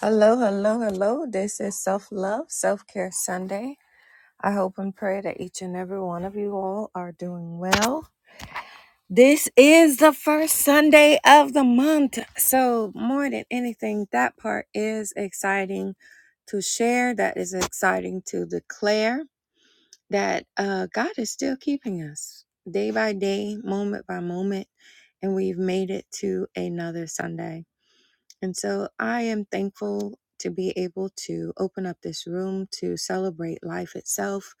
Hello, hello, hello. This is Self Love, Self Care Sunday. I hope and pray that each and every one of you all are doing well. This is the first Sunday of the month. So, more than anything, that part is exciting to share. That is exciting to declare that uh, God is still keeping us day by day, moment by moment, and we've made it to another Sunday. And so I am thankful to be able to open up this room to celebrate life itself,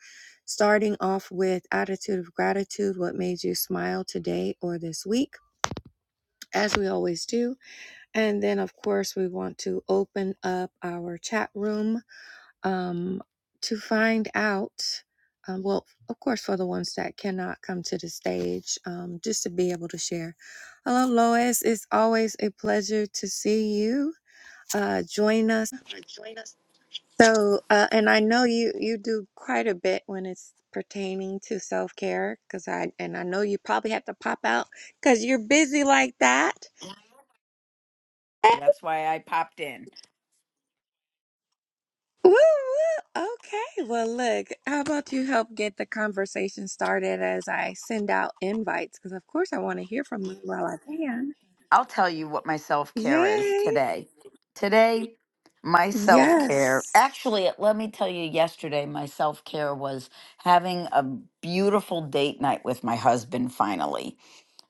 starting off with attitude of gratitude, what made you smile today or this week, as we always do. And then, of course, we want to open up our chat room um, to find out. Um, well, of course, for the ones that cannot come to the stage, um, just to be able to share. Hello, Lois. It's always a pleasure to see you uh, join us. So, uh, and I know you you do quite a bit when it's pertaining to self care, because I and I know you probably have to pop out because you're busy like that. That's why I popped in. Woo woo. Okay. Well, look. How about you help get the conversation started as I send out invites? Because of course I want to hear from you while I can. I'll tell you what my self care is Yay! today. Today, my self care, Yes. actually, let me tell you, yesterday, my self care was having a beautiful date night with my husband finally.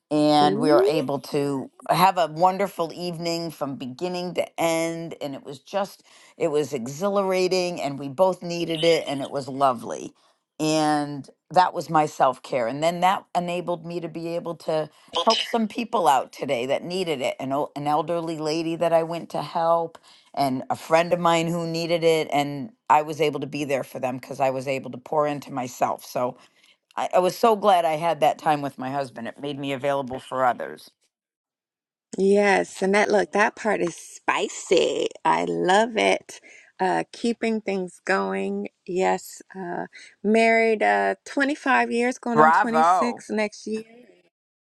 and we were Ooh. able to have a wonderful evening from beginning to end and it was just it was exhilarating and we both needed it and it was lovely and that was my self-care and then that enabled me to be able to help some people out today that needed it an, el- an elderly lady that i went to help and a friend of mine who needed it and i was able to be there for them because i was able to pour into myself so I, I was so glad I had that time with my husband. It made me available for others. Yes, and that look, that part is spicy. I love it. Uh, keeping things going. Yes, uh, married uh, 25 years, going on Bravo. 26 next year,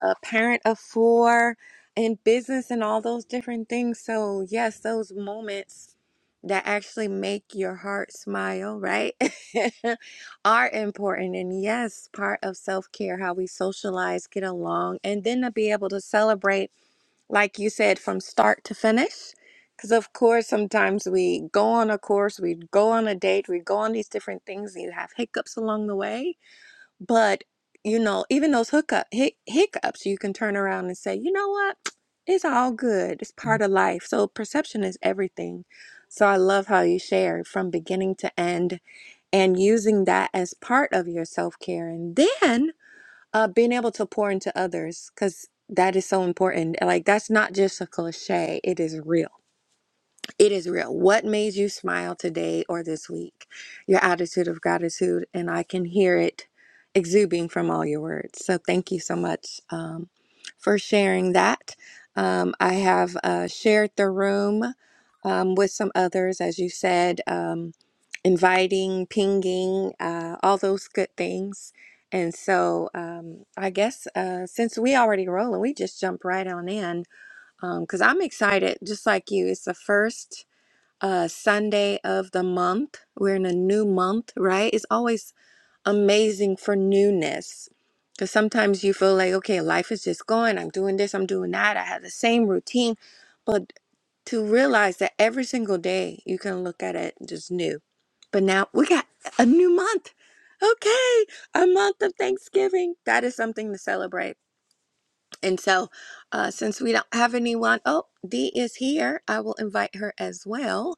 a parent of four in business and all those different things. So, yes, those moments that actually make your heart smile, right, are important. And yes, part of self care, how we socialize, get along, and then to be able to celebrate like you said, from start to finish. Because, of course, sometimes we go on a course, we go on a date, we go on these different things, and you have hiccups along the way. But, you know, even those hookup, hic- hiccups, you can turn around and say, you know what? It's all good. It's part of life. So, perception is everything. So, I love how you share from beginning to end and using that as part of your self care. And then uh, being able to pour into others, because that is so important. Like, that's not just a cliche, it is real. It is real. What made you smile today or this week? Your attitude of gratitude, and I can hear it exuding from all your words. So, thank you so much um, for sharing that. Um, I have uh, shared the room um, with some others, as you said. Um, inviting, pinging, uh, all those good things. And so um, I guess uh, since we already rolling, we just jump right on in because I'm excited, just like you. It's the first uh, Sunday of the month. We're in a new month, right? It's always amazing for newness. Because sometimes you feel like, okay, life is just going. I'm doing this, I'm doing that. I have the same routine. but to realize that every single day you can look at it just new. But now we got a new month. Okay, a month of Thanksgiving. That is something to celebrate. And so, uh, since we don't have anyone, oh, Dee is here. I will invite her as well.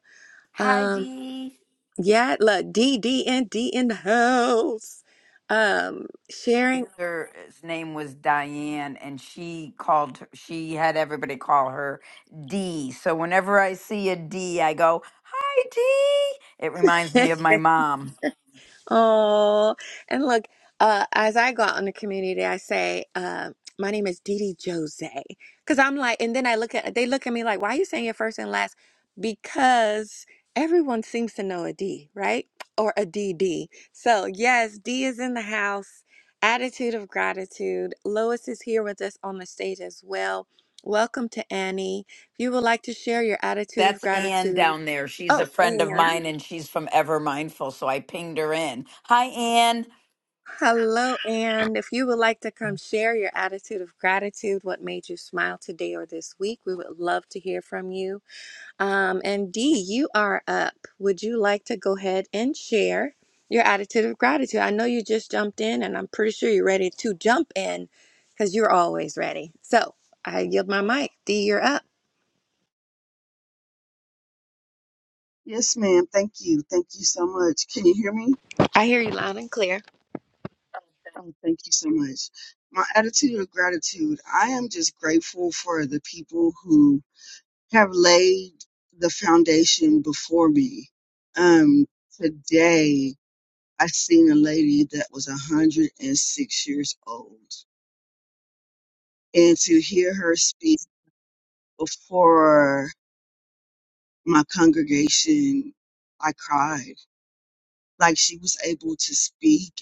Hi, Um, Dee. yeah, look, Dee, Dee, and Dee in the house. Um, sharing. Her his name was Diane, and she called. She had everybody call her D. So whenever I see a D, I go, "Hi, D." It reminds me of my mom. Oh, and look, uh, as I go out in the community, I say, uh, my name is Didi Jose. Because I'm like, and then I look at, they look at me like, why are you saying your first and last? Because everyone seems to know a D, right? Or a D D. So, yes, D is in the house. Attitude of gratitude. Lois is here with us on the stage as well. Welcome to Annie. If you would like to share your attitude of That's Ann gratitude. down there. She's a Oh, friend of Annie. mine, and she's from Ever Mindful. So I pinged her in. Hi, Ann. Hello, and if you would like to come share your attitude of gratitude, what made you smile today or this week, we would love to hear from you. Um, and Dee, you are up. Would you like to go ahead and share your attitude of gratitude? I know you just jumped in, and I'm pretty sure you're ready to jump in because you're always ready. So I yield my mic. Dee, you're up. Yes, ma'am. Thank you. Thank you so much. Can you hear me? I hear you loud and clear. Oh, thank you so much. My attitude of gratitude I am just grateful for the people who have laid the foundation before me. Um, today, I seen a lady that was 106 years old, and to hear her speak before my congregation, I cried. Like she was able to speak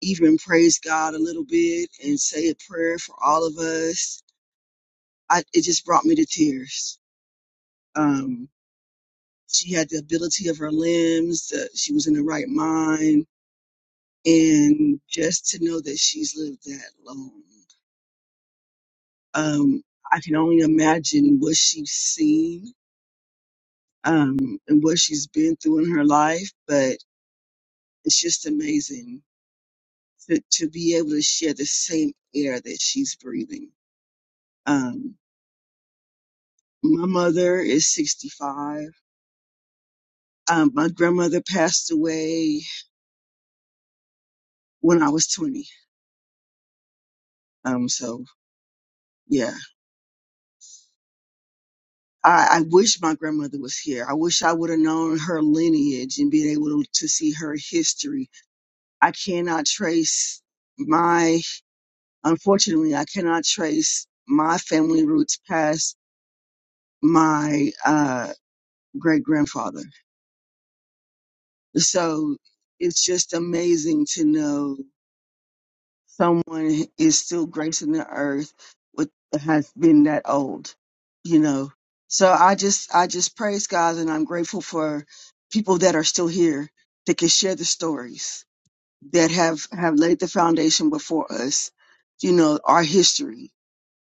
even praise God a little bit and say a prayer for all of us. I, it just brought me to tears. Um, she had the ability of her limbs. Uh, she was in the right mind. And just to know that she's lived that long, um, I can only imagine what she's seen um, and what she's been through in her life. But it's just amazing to, to be able to share the same air that she's breathing. Um, My mother is 65. Um, my grandmother passed away when I was 20. Um, so yeah, I, I wish my grandmother was here. I wish I would have known her lineage and been able to, to see her history. I cannot trace my, unfortunately, I cannot trace my family roots past my, uh, great grandfather. So it's just amazing to know someone is still gracing the earth with has been that old, you know. So I just I just praise God and I'm grateful for people that are still here that can share the stories that have have laid the foundation before us, you know, our history,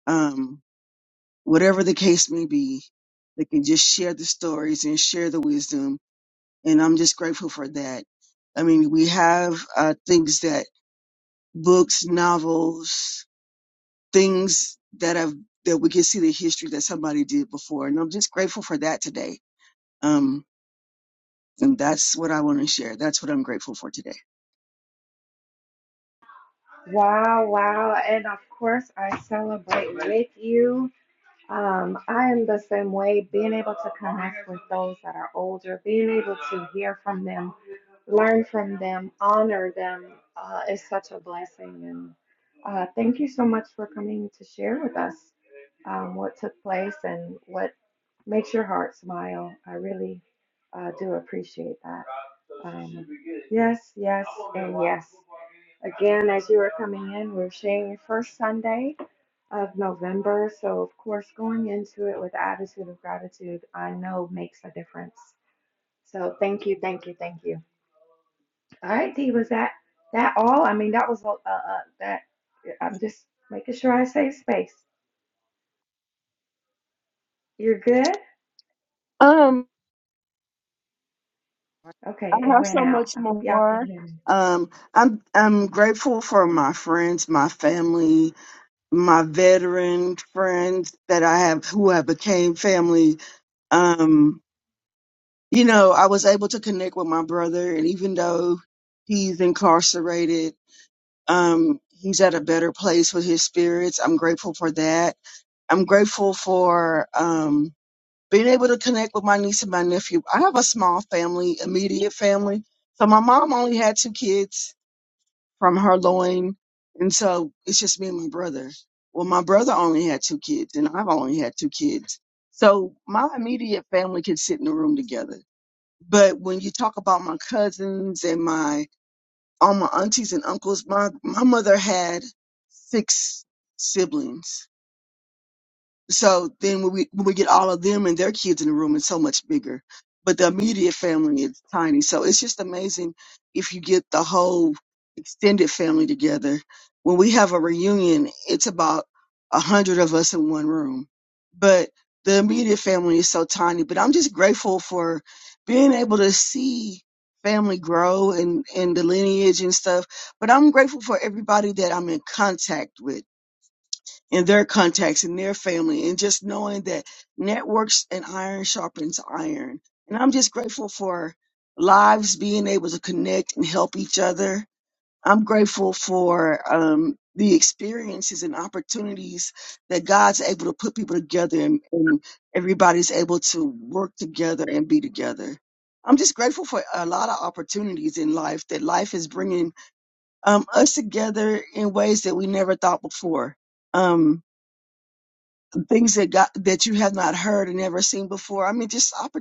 um, whatever the case may be, they can just share the stories and share the wisdom, and I'm just grateful for that. I mean, we have uh, things that books, novels, things that have that we can see the history that somebody did before. And I'm just grateful for that today. Um, and that's what I want to share. That's what I'm grateful for today. Wow, wow. And of course, I celebrate with you. Um, I am the same way, being able to connect with those that are older, being able to hear from them, learn from them, honor them uh, is such a blessing. And uh, thank you so much for coming to share with us um, what took place and what makes your heart smile. I really uh, do appreciate that. Um, yes, yes, and yes. Again, as you are coming in, we're sharing your first Sunday of November. So, of course, going into it with the attitude of gratitude, I know makes a difference. So, thank you, thank you, thank you. All right, Dee, was that that all? I mean, that was uh, uh, that. I'm just making sure I save space. You're good? Um, I Okay, it have went so out. much I hope y'all can more. hear me. Um, I'm I'm grateful for my friends, my family, my veteran friends that I have who have became family. Um, you know, I was able to connect with my brother, and even though he's incarcerated, um, he's at a better place with his spirits. I'm grateful for that. I'm grateful for um, being able to connect with my niece and my nephew. I have a small family, immediate family. So my mom only had two kids from her loin, and so it's just me and my brother. Well, my brother only had two kids, and I've only had two kids. So my immediate family can sit in the room together. But when you talk about my cousins and my all my aunties and uncles. My my mother had six siblings. So then when we when we get all of them and their kids in the room, it's so much bigger. But the immediate family is tiny. So it's just amazing if you get the whole extended family together. When we have a reunion, it's about a hundred of us in one room. But the immediate family is so tiny. But I'm just grateful for being able to see family grow and, and the lineage and stuff. But I'm grateful for everybody that I'm in contact with in their contacts in their family and just knowing that networks and iron sharpens iron and i'm just grateful for lives being able to connect and help each other i'm grateful for um, the experiences and opportunities that god's able to put people together and, and everybody's able to work together and be together i'm just grateful for a lot of opportunities in life that life is bringing um, us together in ways that we never thought before um, things that God that you have not heard and never seen before. I mean, just oppor-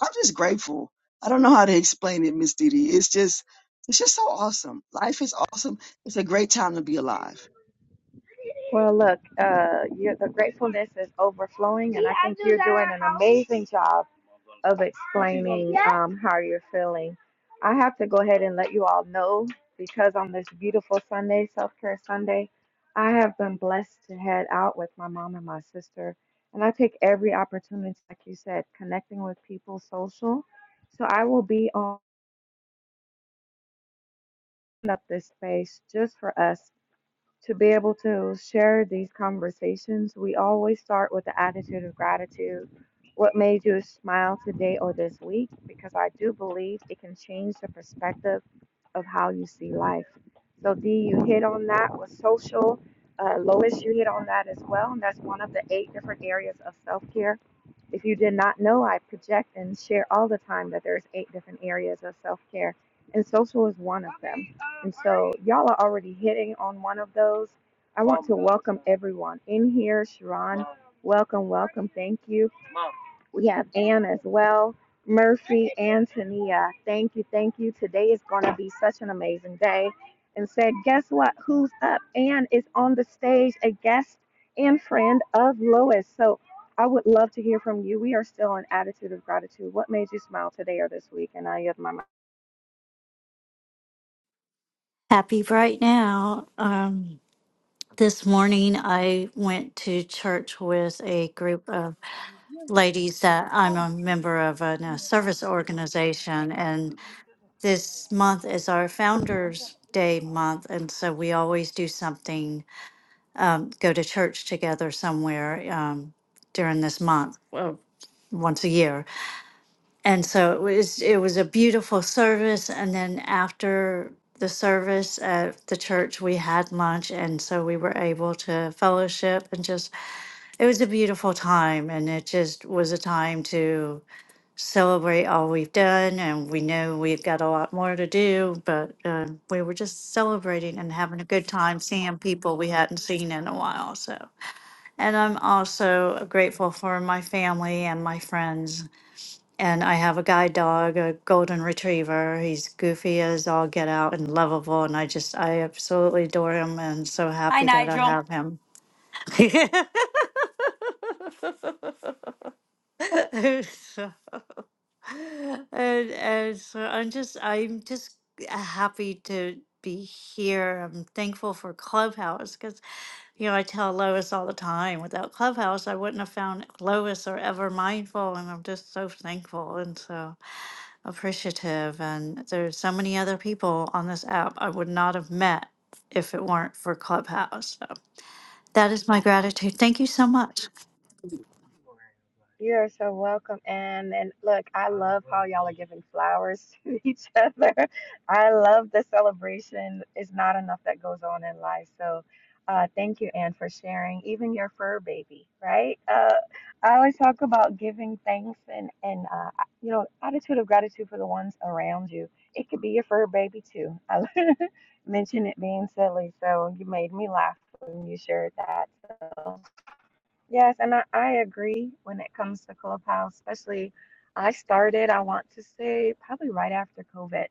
I'm just grateful. I don't know how to explain it, Miss Didi. It's just it's just so awesome. Life is awesome. It's a great time to be alive. Well, look, uh, your, the gratefulness is overflowing, and I think you're doing an amazing job of explaining um, how you're feeling. I have to go ahead and let you all know because on this beautiful Sunday, Self Care Sunday, I have been blessed to head out with my mom and my sister. And I take every opportunity, like you said, connecting with people social. So I will be on up this space just for us to be able to share these conversations, we always start with the attitude of gratitude. What made you smile today or this week? Because I do believe it can change the perspective of how you see life. So, Dee, you hit on that with social. Uh, Lois, you hit on that as well. And that's one of the eight different areas of self care if you did not know, I project and share all the time that there's eight different areas of self-care, and social is one of them. And so y'all are already hitting on one of those. I want to welcome everyone in here. Sharon, welcome, welcome. Thank you. We have Ann as well. Murphy, Antonia. Thank you, thank you. Today is going to be such an amazing day. And said, guess what? Who's up? Ann is on the stage, a guest and friend of Lois. So I would love to hear from you. We are still on Attitude of Gratitude. What made you smile today or this week? And I yield my mic. happy right now. Um, this morning, I went to church with a group of ladies that I'm a member of in a service organization. And this month is our Founders Day month. And so we always do something, um, go to church together somewhere um, during this month, well, once a year and so it was it was a beautiful service and then after the service at the church we had lunch and so we were able to fellowship and just it was a beautiful time and it just was a time to celebrate all we've done and we know we've got a lot more to do but um, we were just celebrating and having a good time seeing people we hadn't seen in a while so and i'm also grateful for my family and my friends and I have a guide dog, a golden retriever. He's goofy as all get out and lovable. And I just, I absolutely adore him and so Hi, happy that I Nigel. have him. And and so I'm just I'm just happy to be here. I'm thankful for Clubhouse because you know I tell Lois all the time, without Clubhouse I wouldn't have found Lois or ever mindful, and I'm just so thankful and so appreciative. And there's so many other people on this app I would not have met if it weren't for Clubhouse. So that is my gratitude. Thank you so much. You are so welcome. And and look, I love how y'all are giving flowers to each other. I love the celebration. It's not enough that goes on in life. So uh, thank you, Anne, for sharing. Even your fur baby, right? Uh, I always talk about giving thanks and and uh, you know attitude of gratitude for the ones around you. It could be your fur baby too. I mentioned it being silly, so you made me laugh when you shared that. So Yes, and I, I agree when it comes to Clubhouse, especially I started, I want to say, probably right after COVID,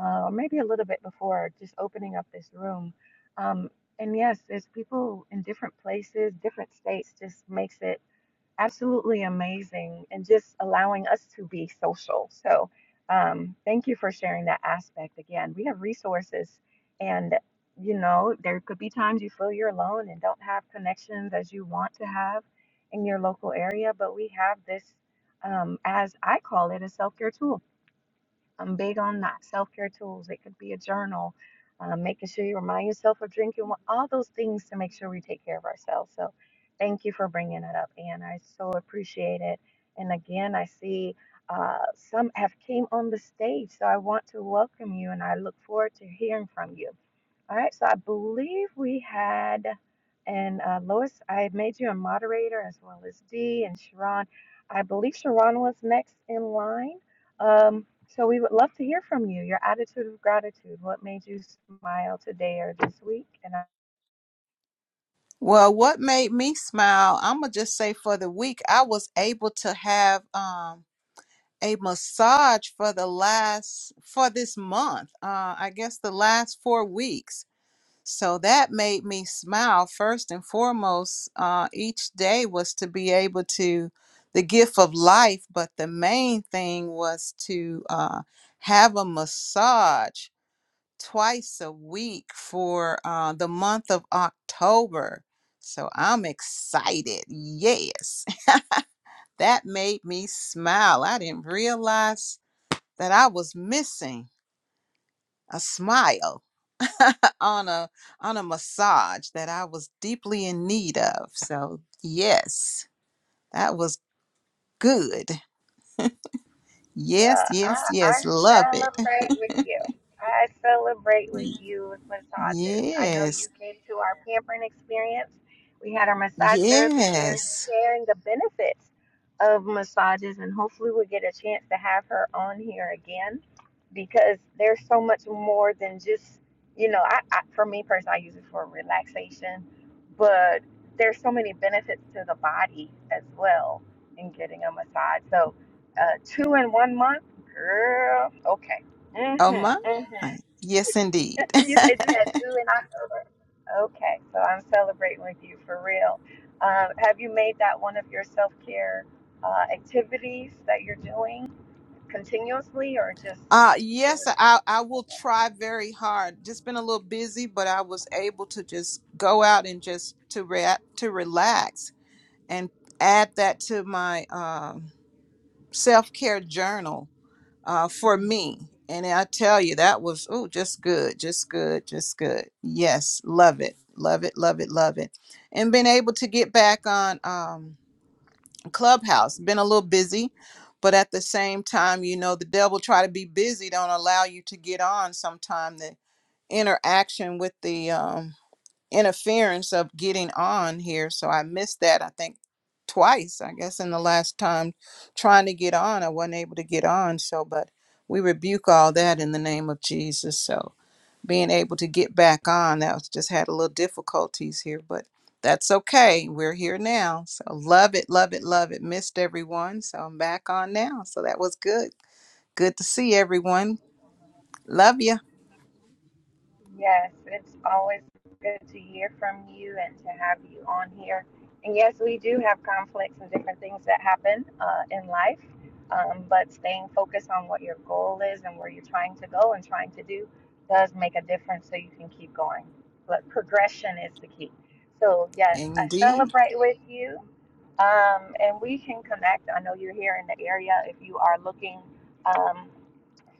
uh, or maybe a little bit before, just opening up this room. Um, and yes, there's people in different places, different states, just makes it absolutely amazing and just allowing us to be social. So, um, thank you for sharing that aspect again. We have resources, and you know, there could be times you feel you're alone and don't have connections as you want to have in your local area, but we have this, um, as I call it, a self care tool I'm big on that. Self care tools. It could be a journal, um, making sure you remind yourself of drinking, all those things to make sure we take care of ourselves. So, thank you for bringing it up, and I so appreciate it. And again, I see uh, some have came on the stage, so I want to welcome you, and I look forward to hearing from you. All right, so I believe we had, and uh, Lois, I made you a moderator as well as Dee and Sharon. I believe Sharon was next in line. Um, so we would love to hear from you, your attitude of gratitude. What made you smile today or this week? and Well, what made me smile, I'm gonna just say for the week, I was able to have um a massage for the last for this month. Uh I guess the last 4 weeks. So that made me smile first and foremost. Uh each day was to be able to the gift of life, but the main thing was to uh have a massage twice a week for uh, the month of October. So I'm excited. Yes. That made me smile. I didn't realize that I was missing a smile on a on a massage that I was deeply in need of. So yes, that was good. Well, Yes, yes, I, I yes. Love it. celebrate with you. I celebrate with Y- you with massages. I know you Yes. came to our pampering experience. We had our massage therapist there Yes. sharing the benefits of massages, and hopefully, we'll get a chance to have her on here again because there's so much more than just, you know, I, I for me personally, I use it for relaxation, but there's so many benefits to the body as well in getting a massage. So, uh, two in one month, girl. Okay. Oh Mhm. my. Mhm. Yes indeed. and you said you had two in October. Okay, so I'm celebrating with you for real. Um, have you made that one of your self care uh, activities that you're doing continuously, or just Uh, it yes, was I, I will just? try very hard. Just been a little busy, but I was able to just go out and just to re- to relax and add that to my um, self care journal uh, for Mm. me. And I tell you, that was oh, just good, just good, just good. Yes, love it, love it, love it, love it, and been able to get back on. Um, clubhouse been a little busy but at the same time you know the devil try to be busy don't allow you to get on sometime the interaction with the um interference of getting on here so i missed that i think twice i guess in the last time trying to get on i wasn't able to get on so but we rebuke all that in the name of jesus so being able to get back on. That was just had a little difficulties here, but that's okay. We're here now. So love it, love it, love it. Missed everyone. So I'm back on now. So that was good. Good to see everyone. Love you. Yes, it's always good to hear from you and to have you on here. And yes, we do have conflicts and different things that happen uh, in life, um, but staying focused on what your goal is and where you're trying to go and trying to do does make a difference so you can keep going. But progression is the key. So, yes, I Indeed. celebrate with you um, and we can connect. I know you're here in the area if you are looking. Um,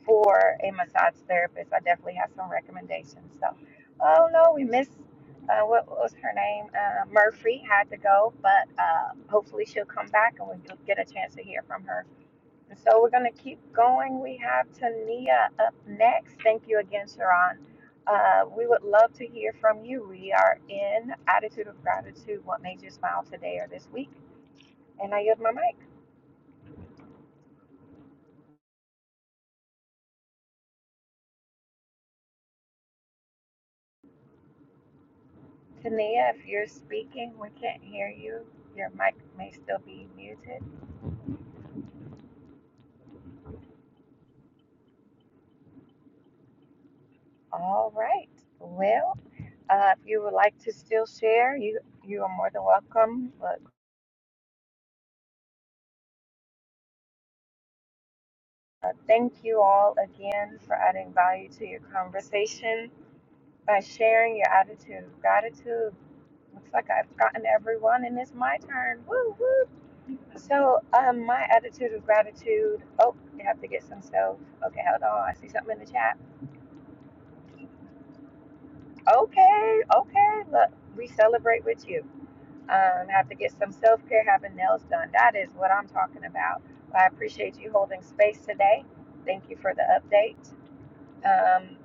for a massage therapist. I definitely have some recommendations. So, oh no, we missed uh, what was her name? Uh, Murphy had to go, but uh, hopefully she'll come back and we'll get a chance to hear from her. And so we're going to keep going. We have Tania up next. Thank you again, Sharon. Uh, we would love to hear from you. We are in Attitude of Gratitude. What made you smile today or this week? And I yield my mic. Tania, if you're speaking, we can't hear you. Your mic may still be muted. All right. Well, uh, if you would like to still share, you you are more than welcome. But uh, thank you all again for adding value to your conversation by sharing your attitude of gratitude. Looks like I've gotten everyone, and it's my turn. Woo woo! So, um, my attitude of gratitude. Oh, you have to get some stuff. Okay, hold on. I see something in the chat. Okay, okay. Look, we celebrate with you. Um, have to get some self care, having nails done. That is what I'm talking about. I appreciate you holding space today. Thank you for the update. Um,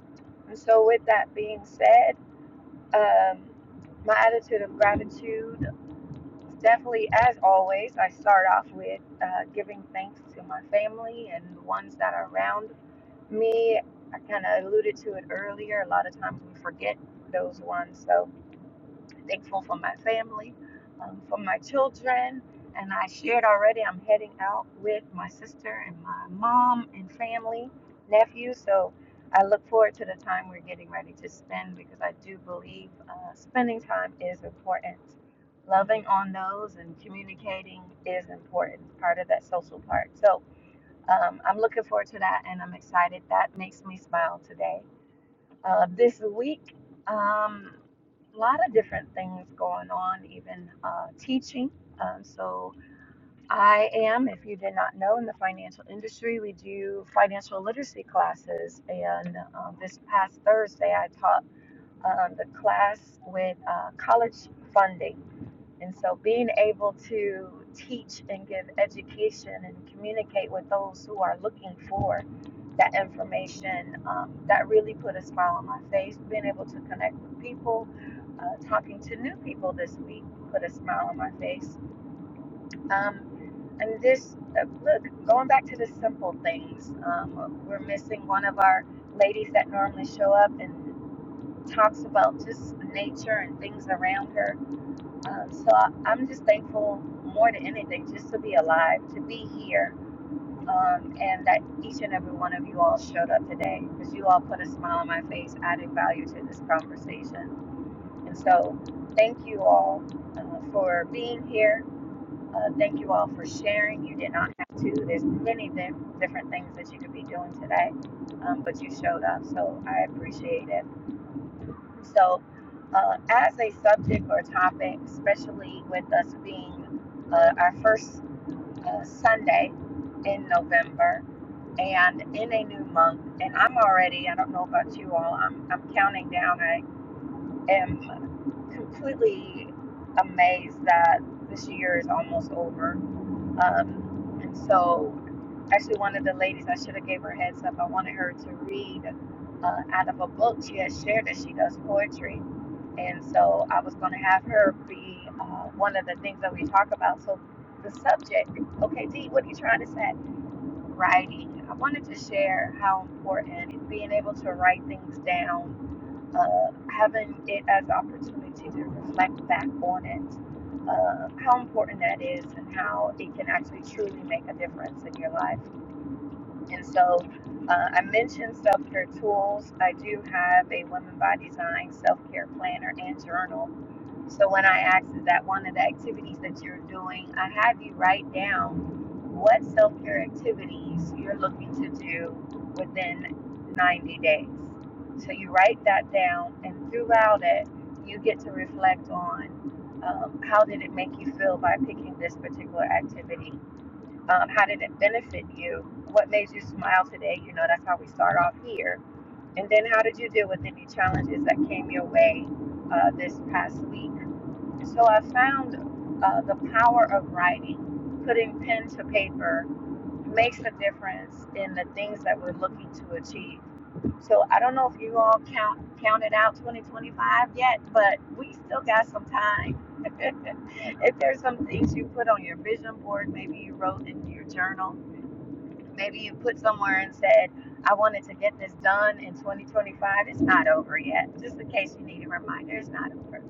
and so, with that being said, um, my attitude of gratitude definitely, as always, I start off with uh, giving thanks to my family and the ones that are around me. I kind of alluded to it earlier. A lot of times we forget those ones. So, thankful for my family, um, for my children. And I shared already, I'm heading out with my sister and my mom and family, nephew. So I look forward to the time we're getting ready to spend because I do believe uh, spending time is important. Loving on those and communicating is important, part of that social part. So um, I'm looking forward to that and I'm excited. That makes me smile today. Uh, this week, um, a lot of different things going on, even uh, teaching. Um, so, I am, if you did not know, in the financial industry, we do financial literacy classes. And um, this past Thursday, I taught um, the class with uh, college funding. And so being able to teach and give education and communicate with those who are looking for that information, um, that really put a smile on my face. Being able to connect with people, uh, talking to new people this week put a smile on my face. Um, and this, uh, look, going back to the simple things, um, we're missing one of our ladies that normally show up, and talks about just nature and things around her. Uh, so I, I'm just thankful more than anything just to be alive, to be here, um, and that each and every one of you all showed up today because you all put a smile on my face, added value to this conversation. And so thank you all uh, for being here. Uh, thank you all for sharing. You did not have to. There's many di- different things that you could be doing today, um, but you showed up, so I appreciate it. So, uh, as a subject or topic, especially with us being uh, our first uh, Sunday in November and in a new month, and I'm already, I don't know about you all, I'm, I'm counting down. I am completely amazed that this year is almost over um, and so, actually, one of the ladies, I should have gave her a heads up. I wanted her to read uh, out of a book she has shared that she does poetry. And so, I was going to have her be uh, one of the things that we talk about. So, the subject, okay, D, what are you trying to say? writing, I wanted to share how important being able to write things down, uh, having it as an opportunity to reflect back on it, uh, how important that is and how it can actually truly make a difference in your life. And so uh, I mentioned self care tools. I do have a Women by Design self care planner and journal. So when I asked, is that one of the activities that you're doing? I have you write down what self care activities you're looking to do within 90 days. So you write that down, and throughout it, you get to reflect on um, how did it make you feel by picking this particular activity um, how did it benefit you what made you smile today you know that's how we start off here and then how did you deal with any challenges that came your way uh, this past week so i found uh, the power of writing putting pen to paper makes a difference in the things that we're looking to achieve so i don't know if you all count counted out 2025 yet but we still got some time if there's some things you put on your vision board maybe you wrote in your journal Maybe you put somewhere and said, I wanted to get this done in 2025. It's not over yet. Just in case you need a reminder, it's not over.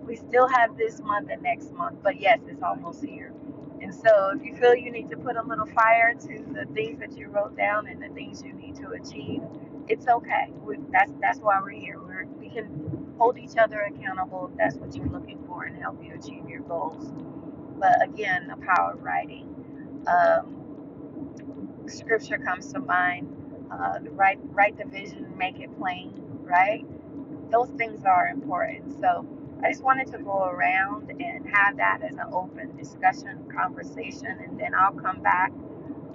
We still have this month and next month, but yes, it's almost here. And so if you feel you need to put a little fire to the things that you wrote down and the things you need to achieve, it's okay. We, that's that's why we're here. We're, we can hold each other accountable if that's what you're looking for and help you achieve your goals. But again, the power of writing. Um, scripture comes to mind. Uh, write, write the vision, make it plain, right? Those things are important. So I just wanted to go around and have that as an open discussion, conversation, and then I'll come back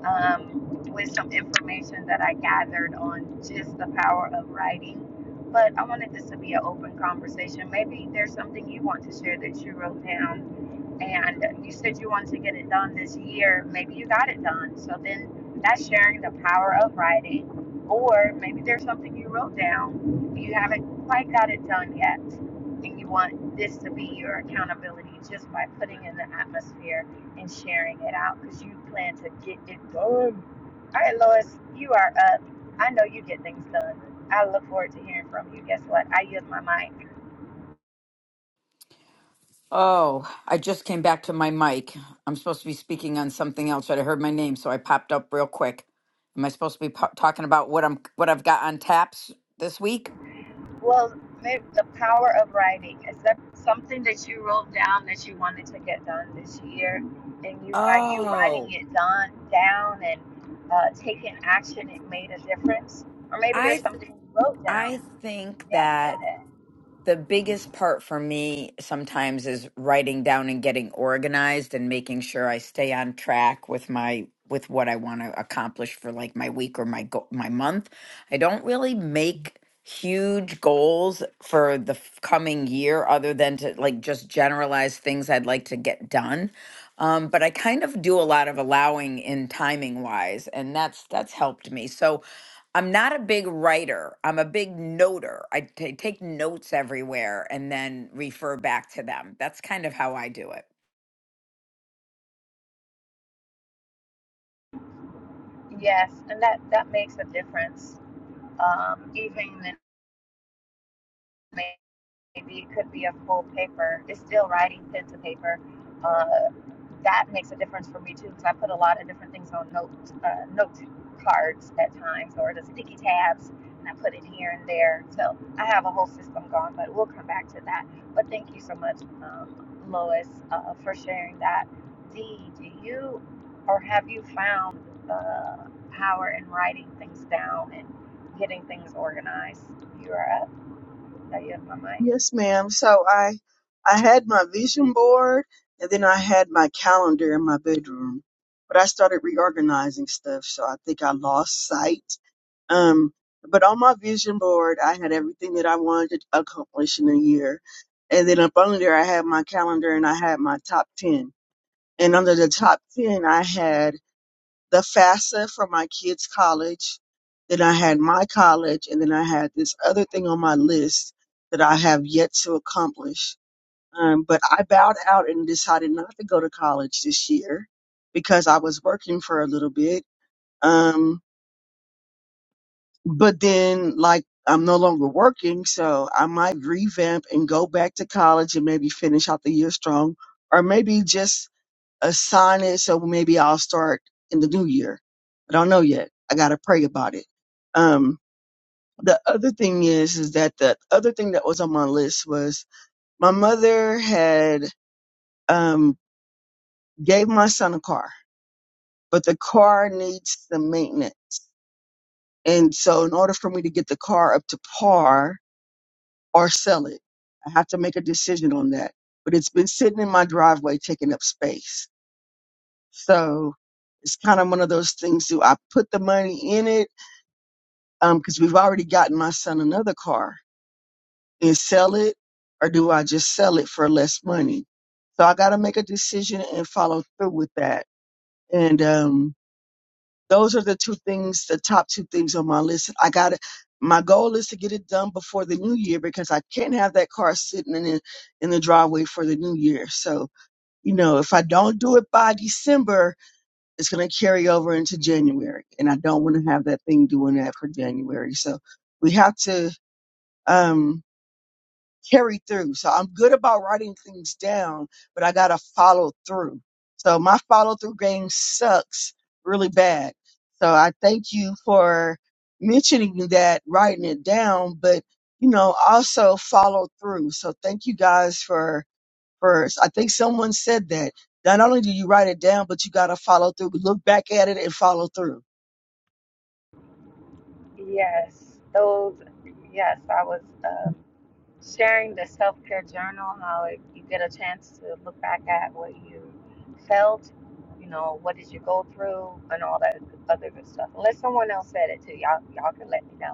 um, with some information that I gathered on just the power of writing. But I wanted this to be an open conversation. Maybe there's something you want to share that you wrote down and you said you wanted to get it done this year. Maybe you got it done. So then that's sharing the power of writing. Or maybe there's something you wrote down, you haven't quite got it done yet, and you want this to be your accountability just by putting in the atmosphere and sharing it out because you plan to get it done. All right, Lois, you are up. I know you get things done. I look forward to hearing from you. Guess what? I use my mind. Oh, I just came back to my mic. I'm supposed to be speaking on something else, but I heard my name, so I popped up real quick. Am I supposed to be po- talking about what I'm what I've got on taps this week? Well, maybe the power of writing is that something that you wrote down that you wanted to get done this year, and you by you writing Oh, it done down and uh, taking action, it made a difference. Or maybe there's I something you wrote down. I think Yes, go that. ahead. the biggest part for me sometimes is writing down and getting organized and making sure I stay on track with my with what I want to accomplish for like my week or my go- my month. I don't really make huge goals for the f- coming year other than to like just generalize things I'd like to get done. Um, but I kind of do a lot of allowing in timing wise, and that's that's helped me. So I'm not a big writer. I'm a big noter. I ta- take notes everywhere and then refer back to them. That's kind of how I do it. Yes, and that that makes a difference. Um, even in maybe it could be a full paper. It's still writing pen to paper. Uh, that makes a difference for me too because I put a lot of different things on note uh, note cards at times or the sticky tabs, and I put it here and there. So I have a whole system going, but we'll come back to that. But thank you so much, um, Lois, uh, for sharing that. Dee, do you or have you found uh, power in writing things down and getting things organized? You are up. I have my mic. Yes, ma'am. So I I had my vision board and then I had my calendar in my bedroom. But I started reorganizing stuff, so I think I lost sight Um, but on my vision board, I had everything that I wanted to accomplish in a year. And then up under there, I had my calendar and I had my top 10. And under the top 10, I had the FAFSA for my kids' college. Then I had my college. And then I had this other thing on my list that I have yet to accomplish. Um, but I bowed out and decided not to go to college this year because I was working for a little bit. Um, but then like I'm no longer working, so I might revamp and go back to college and maybe finish out the year strong, or maybe just assign it so maybe I'll start in the new year. I don't know yet. I gotta pray about it. Um, the other thing is, is that the other thing that was on my list was my mother had um gave my son a car, but the car needs some maintenance, and so in order for me to get the car up to par, or sell it. I have to make a decision on that. But it's been sitting in my driveway taking up space. So it's kind of one of those things do I put the money in it? Um, cause we've already gotten my son another car and sell it or do I just sell it for less money? So I got to make a decision and follow through with that. And, um, those are the two things, the top two things on my list. I got to My goal is to get it done before the new year because I can't have that car sitting in the, in the driveway for the new year. So, you know, if I don't do it by December, it's going to carry over into January, and I don't want to have that thing doing that for January. So, we have to. Um, carry through. So I'm good about writing things down, but I got to follow through. So my follow through game sucks really bad. So I thank you for mentioning that, writing it down, but you know, also follow through. So thank you guys for, for, I think someone said that. Not only do you write it down, but you got to follow through. Look back at it and follow through. Yes, those, yes, I was um, sharing the self care journal, how if you get a chance to look back at what you felt, you know, what did you go through, and all that other good stuff. Unless someone else said it to you, y'all, y'all can let me know.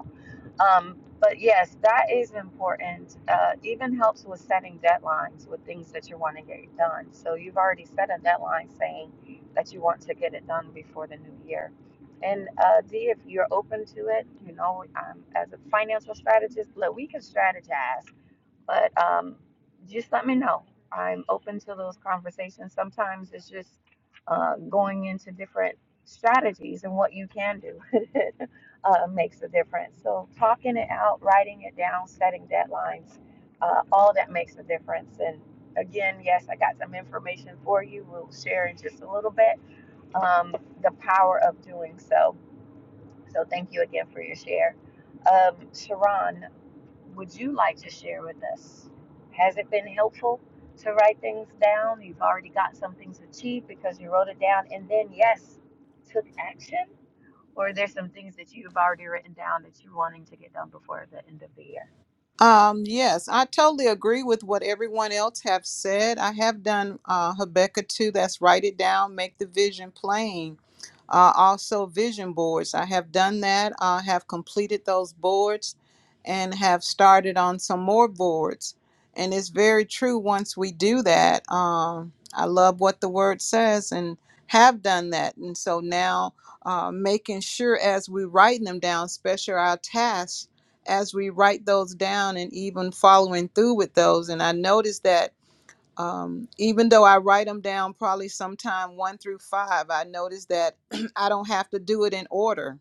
Um, but yes, that is important. Uh, even helps with setting deadlines with things that you want to get done. So you've already set a deadline saying that you want to get it done before the new year. And uh, D, if you're open to it, you know, um, as a financial strategist, look, we can strategize but um, just let me know. I'm open to those conversations. Sometimes it's just uh, going into different strategies and what you can do uh, makes a difference. So, talking it out, writing it down, setting deadlines, uh, all that makes a difference. And again, yes, I got some information for you. We'll share in just a little bit um, the power of doing so. So, thank you again for your share. Um, Sharon, would you like to share with us? Has it been helpful to write things down? You've already got some things achieved because you wrote it down and then, yes, took action? Or are there some things that you've already written down that you're wanting to get done before the end of the year? Um, yes, I totally agree with what everyone else have said. I have done uh, Habakkuk 2, that's write it down, make the vision plain. Uh, also, vision boards. I have done that. I have completed those boards and have started on some more boards. And it's very true once we do that. Um, I love what the word says and have done that. And so now, uh, making sure as we writing them down, especially our tasks as we write those down and even following through with those. And I noticed that um, even though I write them down probably sometime one through five, I noticed that I don't have to do it in order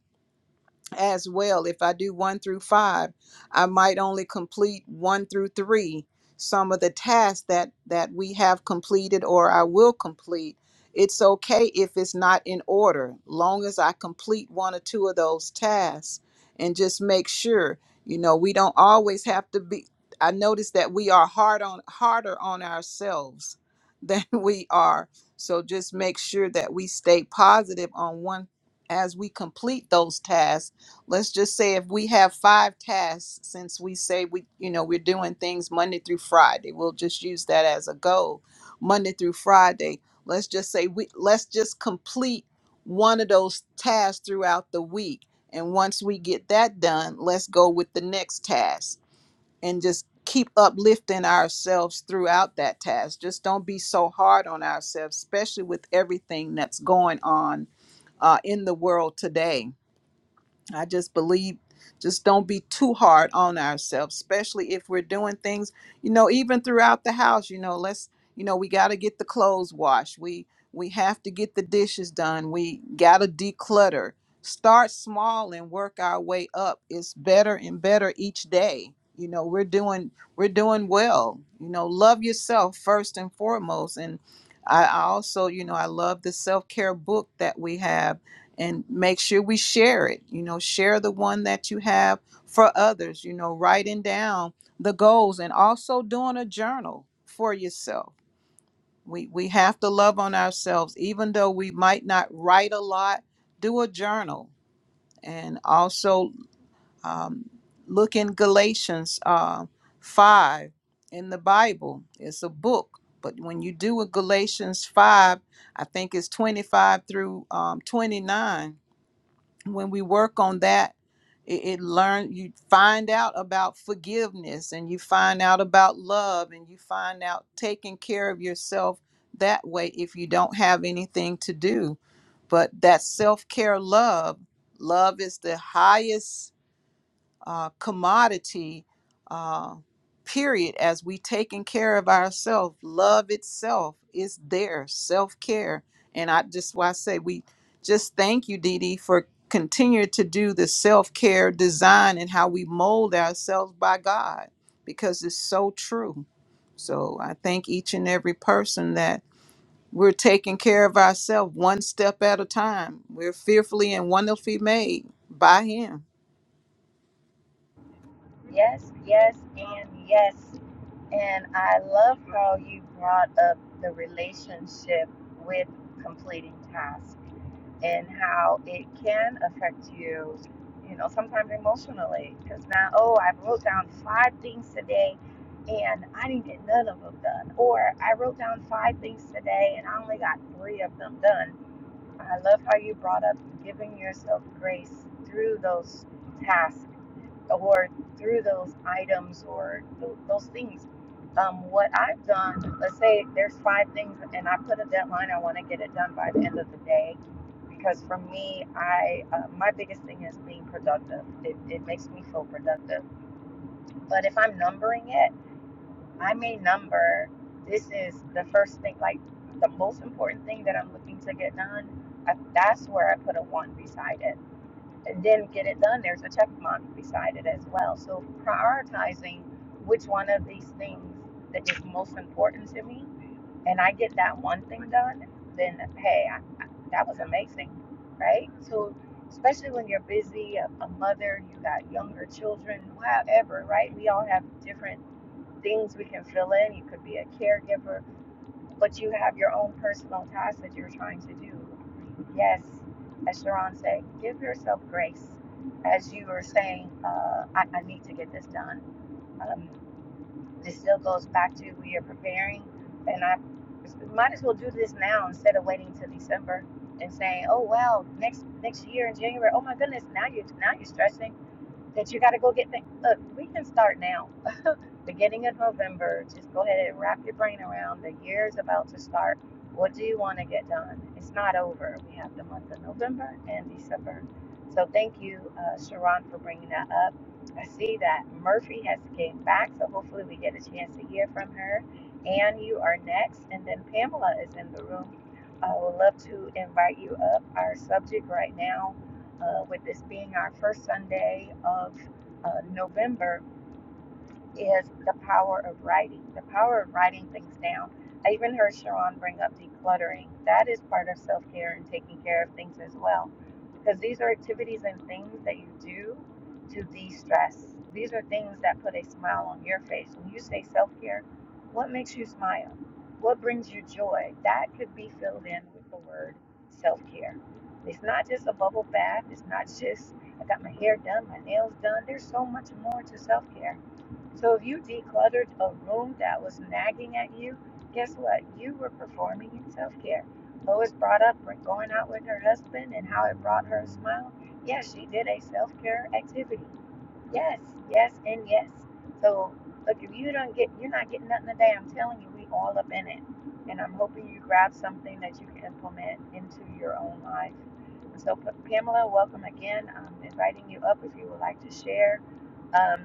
as well. If I do one through five, I might only complete one through three. Some of the tasks that that we have completed or I will complete, it's okay if it's not in order, long as I complete one or two of those tasks and just make sure. You know, we don't always have to be. I notice that we are hard on harder on ourselves than we are. So just make sure that we stay positive on one as we complete those tasks let's just say if we have five tasks since we say we you know we're doing things monday through friday we'll just use that as a goal monday through friday let's just say we let's just complete one of those tasks throughout the week and once we get that done let's go with the next task and just keep uplifting ourselves throughout that task just don't be so hard on ourselves especially with everything that's going on uh, in the world today I just believe just don't be too hard on ourselves, especially if we're doing things, you know, even throughout the house, you know, let's, you know, we got to get the clothes washed. We we have to get the dishes done. We got to declutter. Start small and work our way up. It's better and better each day. You know, we're doing we're doing well. You know, love yourself first and foremost and I I also, you know, I love the self care book that we have and make sure we share it. You know, share the one that you have for others, you know, writing down the goals and also doing a journal for yourself. We we have to love on ourselves even though we might not write a lot, do a journal and also um, look in Galatians uh, 5 in the Bible. It's a book, but when you do a Galatians 5, I think it's 25 through um, 29 when we work on that it, it learn you find out about forgiveness and you find out about love and you find out taking care of yourself that way if you don't have anything to do but that self-care love love is the highest uh, commodity uh, period as we taking care of ourselves love itself is there self-care and i just why i say we just thank you Dee Dee, for continue to do the self-care design and how we mold ourselves by god because it's so true so i thank each and every person that we're taking care of ourselves one step at a time we're fearfully and wonderfully made by him Yes, yes, and yes. And I love how you brought up the relationship with completing tasks and how it can affect you, you know, sometimes emotionally. Because now, oh, I wrote down five things today and I didn't get none of them done. Or I wrote down five things today and I only got three of them done I love how you brought up giving yourself grace through those tasks or through those items or th- those things. Um, what I've done, let's say there's five things, and I put a deadline. I want to get it done by the end of the day because for me, I uh, my biggest thing is being productive. It, it makes me feel productive. But if I'm numbering it. I'm a number. This is the first thing, like the most important thing that I'm looking to get done. I, that's where I put a one beside it. And then get it done, there's a check mark beside it as well. So prioritizing which one of these things that is most important to me, and I get that one thing done, then hey, I, I, that was amazing, right? So especially when you're busy, a, a mother, you got younger children, however, right? We all have different things we can fill in. You could be a caregiver, but you have your own personal task that you're trying to do. Yes, as Sharon said, give yourself grace. As you were saying, uh, I, I need to get this done. Um, this still goes back to we are preparing, and I might as well do this now instead of waiting till December and saying, "Oh well, next next year in January." Oh my goodness, now you are now you're stressing that you got to go get things. Look, we can start now beginning of November, just go ahead and wrap your brain around the year is about to start. What do you want to get done? It's not over. We have the month of November and December. So thank you, uh, Sharon, for bringing that up. I see that Murphy has came back, so hopefully we get a chance to hear from her. And you are next, and then Pamela is in the room. I would love to invite you up. Our subject right now, uh, with this being our first Sunday of uh, November, is the power of writing, the power of writing things down. I even heard Sharon bring up decluttering. That is part of self care and taking care of things as well. Because these are activities and things that you do to de stress. These are things that put a smile on your face. When you say self care, what makes you smile? What brings you joy? That could be filled in with the word self care. It's not just a bubble bath, it's not just I got my hair done, my nails done. There's so much more to self care. So if you decluttered a room that was nagging at you, guess what? You were performing in self care. Lois brought up going out with her husband and how it brought her a smile. Yes, she did a self care activity. Yes, yes, and yes. So look, if you don't get, you're not getting nothing today. I'm telling you, we all up in it, and I'm hoping you grab something that you can implement into your own life. So Pamela, welcome again. I'm inviting you up if you would like to share. Um,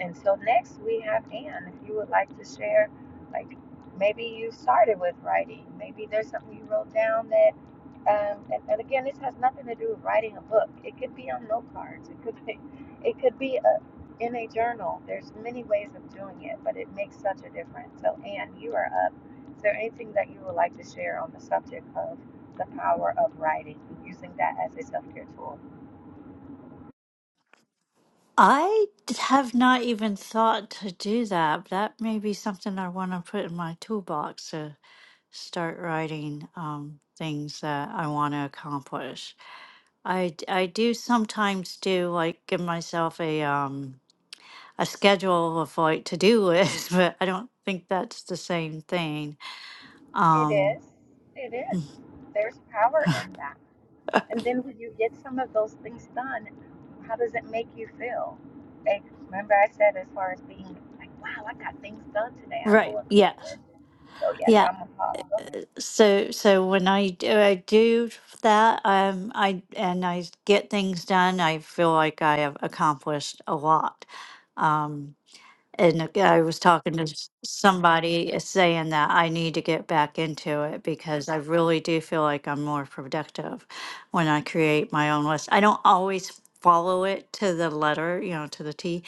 and so next we have Dan. If you would like to share, like maybe you started with writing, maybe there's something you wrote down that, um, and, and again, this has nothing to do with writing a book. It could be on note cards. It could be, it could be a, in a journal. There's many ways of doing it, but it makes such a difference. So Anne, you are up. Is there anything that you would like to share on the subject of the power of writing, using that as a self-care tool? I d- have not even thought to do that. That may be something I want to put in my toolbox to start writing um, things that I want to accomplish. I, d- I do sometimes do like give myself a um a schedule of like to do list, but I don't think that's the same thing. It Um, is. It is. There's power in that. And then when you get some of those things done, how does it make you feel? Like, remember I said as far as being like, wow, I got things done today. I feel right? Yes. accomplished. So yes, Yeah, I'm a follower. So, so when I do, I do that, um, I and I get things done. I feel like I have accomplished a lot. Um, and ag- I was talking to s- somebody uh, saying that I need to get back into it because I really do feel like I'm more productive when I create my own list. I don't always follow it to the letter, you know, to the T,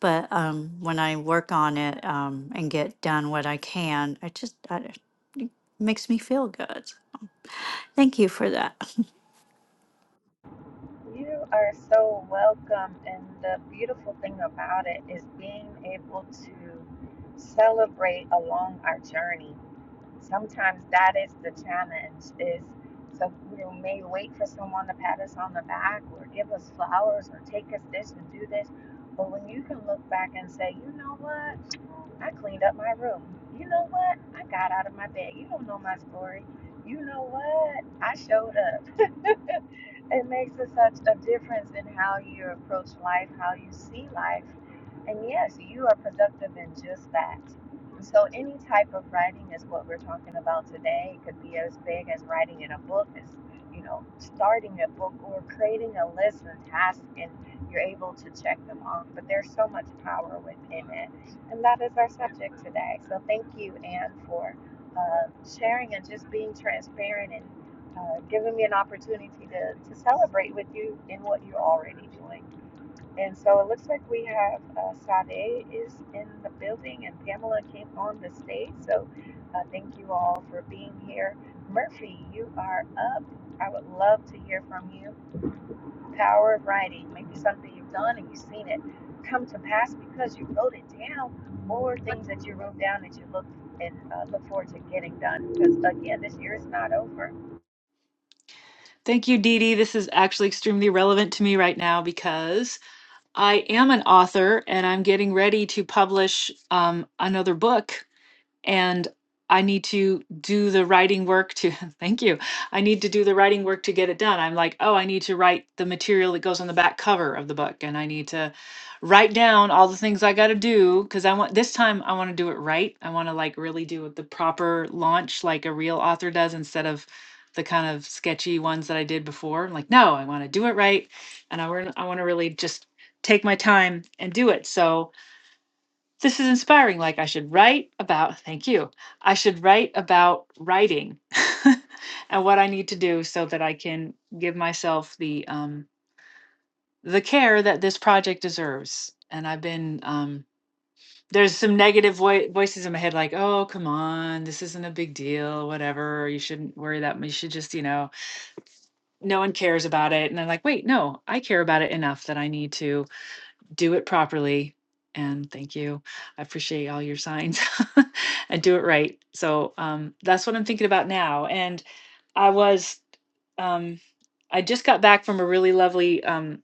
but um, when I work on it um, and get done what I can, it just I, it makes me feel good. Thank you for that. You are so welcome. And the beautiful thing about it is being able to celebrate along our journey. sometimes that is the challenge is so we may wait for someone to pat us on the back or give us flowers or take us this and do this but when you can look back and say you know what I cleaned up my room. You know what? I got out of my bed. You don't know my story. You know what? I showed up. it makes a, such a difference in how you approach life, how you see life. And yes, you are productive in just that. so, any type of writing is what we're talking about today. It could be as big as writing in a book, as you know, starting a book or creating a list and task, and you're able to check them off. But there's so much power within it. And that is our subject today. So thank you, Anne, for uh, sharing and just being transparent and uh, giving me an opportunity to, to celebrate with you in what you're already doing. And so it looks like we have uh, Sade is in the building and Pamela came on the stage. So uh, thank you all for being here. Murphy, you are up. I would love to hear from you. Power of writing. Maybe something you've done and you've seen it come to pass because you wrote it down, or things that you wrote down that you look and uh, look forward to getting done. Because again, this year is not over Thank you, Dee Dee. This is actually extremely relevant to me right now because I am an author and I'm getting ready to publish um, another book and I need to do the writing work to thank you. I need to do the writing work to get it done. I'm like, oh, I need to write the material that goes on the back cover of the book, and I need to write down all the things I got to do because I want this time I want to do it right. I want to like really do it the proper launch like a real author does instead of the kind of sketchy ones that I did before. I'm like, no, I want to do it right, and I want I want to really just take my time and do it. So this is inspiring. Like, I should write about, thank you. I should write about writing and what I need to do so that I can give myself the, um, the care that this project deserves. And I've been, um, there's some negative voi- voices in my head, like, oh, come on, this isn't a big deal, whatever. You shouldn't worry that much. You should just, you know, no one cares about it. And I'm like, wait, no, I care about it enough that I need to do it properly. And thank you. I appreciate all your signs and do it right. So um, that's what I'm thinking about now. And I was, um, I just got back from a really lovely um,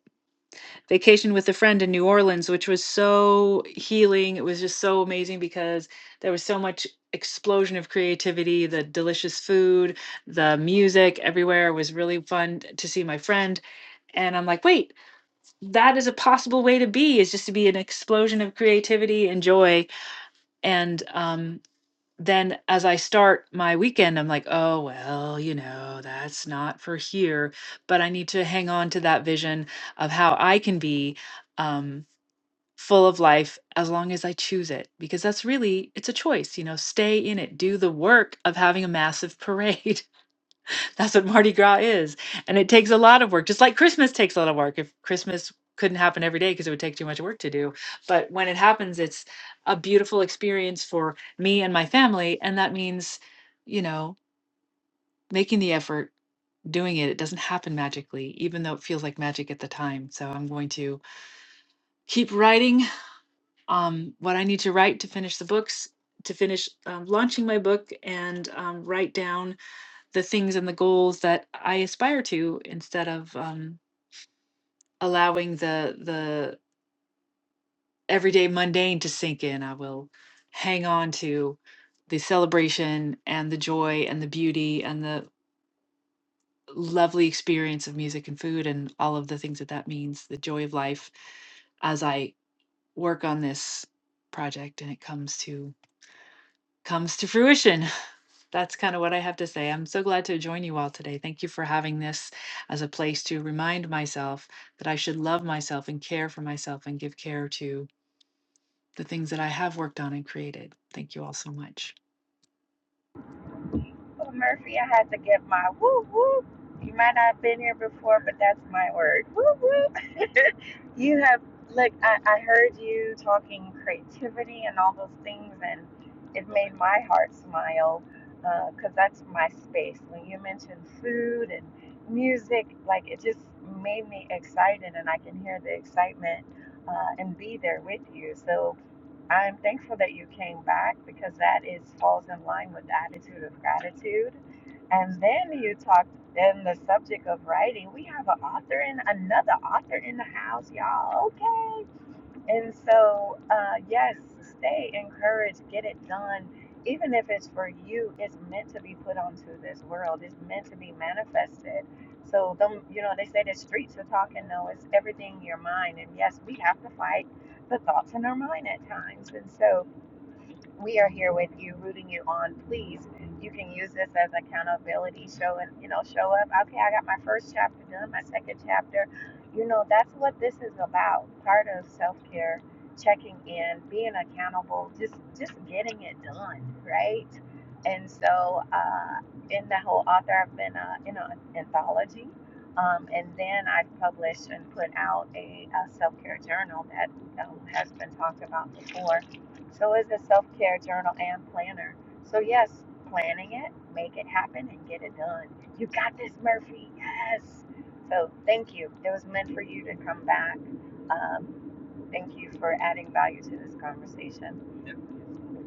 vacation with a friend in New Orleans, which was so healing. It was just so amazing because there was so much explosion of creativity, the delicious food, the music everywhere It was really fun to see my friend. And I'm like, wait, that is a possible way to be is just to be an explosion of creativity and joy and um then as i start my weekend i'm like oh well you know that's not for here but i need to hang on to that vision of how i can be um full of life as long as i choose it because that's really it's a choice you know stay in it do the work of having a massive parade that's what Mardi Gras is. And it takes a lot of work, just like Christmas takes a lot of work. If Christmas couldn't happen every day because it would take too much work to do. But when it happens, it's a beautiful experience for me and my family. And that means, you know, making the effort, doing it. It doesn't happen magically, even though it feels like magic at the time. So I'm going to keep writing um, what I need to write to finish the books, to finish um, launching my book, and um, write down the things and the goals that I aspire to instead of um, allowing the the everyday mundane to sink in. I will hang on to the celebration and the joy and the beauty and the lovely experience of music and food and all of the things that that means, the joy of life as I work on this project and it comes to comes to fruition. That's kind of what I have to say. I'm so glad to join you all today. Thank you for having this as a place to remind myself that I should love myself and care for myself and give care to the things that I have worked on and created. Thank you all so much. Well, Murphy, I had to get my whoop whoop. You might not have been here before, but that's my word. Whoop whoop. you have, look, I, I heard you talking creativity and all those things, and it made my heart smile because that's my space. When you mentioned food and music, like it just made me excited, and I can hear the excitement uh, and be there with you. So, I'm thankful that you came back because that is falls in line with the attitude of gratitude. And then you talked in the subject of writing. We have an author in another author in the house, y'all. Okay. And so, uh, yes, stay encouraged, get it done. Even if it's for you, it's meant to be put onto this world. It's meant to be manifested. So don't you know they say the streets are talking. No, it's everything in your mind. And yes, we have to fight the thoughts in our mind at times. And so, we are here with you, rooting you on. Please, you can use this as accountability. Show and you know, show up. Okay, I got my first chapter done, my second chapter. You know, that's what this is about. Part of self care, checking in, being accountable, just just getting it done, right? And so, uh, in the whole author, I've been uh, in an anthology. Um, and then I've published and put out a, a self care journal that um, has been talked about before so is the self care journal and planner. So, yes, planning it, make it happen, and get it done. You got this, Murphy. Yes. So, thank you. It was meant for you to come back. Um, thank you for adding value to this conversation.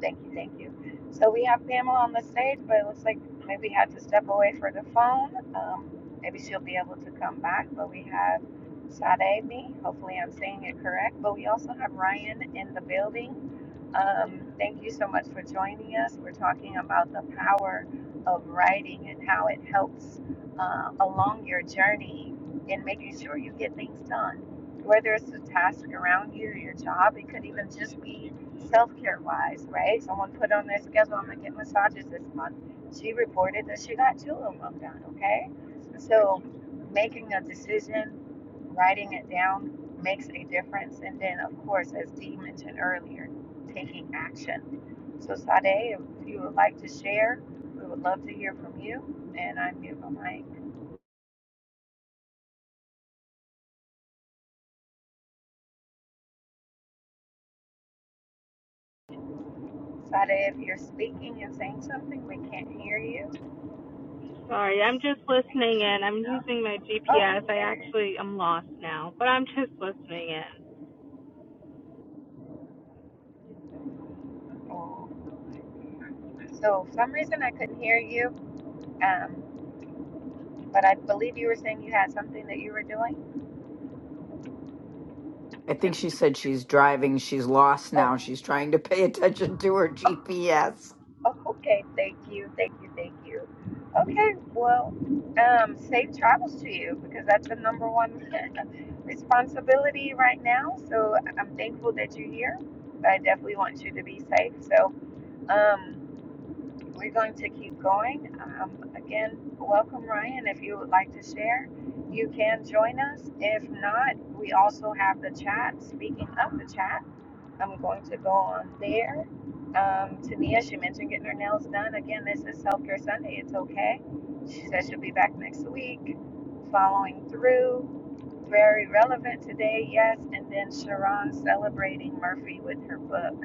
Thank you, thank you. So we have Pamela on the stage, but it looks like maybe had to step away for the phone. Um, maybe she'll be able to come back. But we have Sade Hopefully, I'm saying it correct. But we also have Ryan in the building. Um, thank you so much for joining us. We're talking about the power of writing and how it helps uh, along your journey in making sure you get things done. Whether it's the task around you or your job, it could even just be self care wise, right? Someone put on their schedule, I'm gonna get massages this month. She reported that she got two of them done, okay? So making a decision, writing it down makes a difference. And then, of course, as Dee mentioned earlier, taking action. So, Sade, if you would like to share, we would love to hear from you. And i mute my mic. Sade, if you're speaking and saying something, we can't hear you. Sorry, I'm Just just making listening in. sure I'm you know. using my GPS. Oh, I there it is. actually am lost now, but I'm just listening in. Oh, So for some reason I couldn't hear you, um, but I believe you were saying you had something that you were doing. I think 'Cause- she said she's driving. She's lost now. oh, She's trying to pay attention to her oh, GPS. oh, okay. Thank you, thank you, thank you. Okay, well, um, safe travels to you because that's the number one responsibility right now. So I'm thankful that you're here, but I definitely want you to be safe. So, um, We're going to keep going. Um, again, welcome, Ryan. If you would like to share, you can join us. If not, we also have the chat. Speaking of the chat, I'm going to go on there. Um, Tania, she mentioned getting her nails done. Again, this is Self Care Sunday. It's okay. She says she'll be back next week. Following through, very relevant today, yes. And then Sharon celebrating Murphy with her book.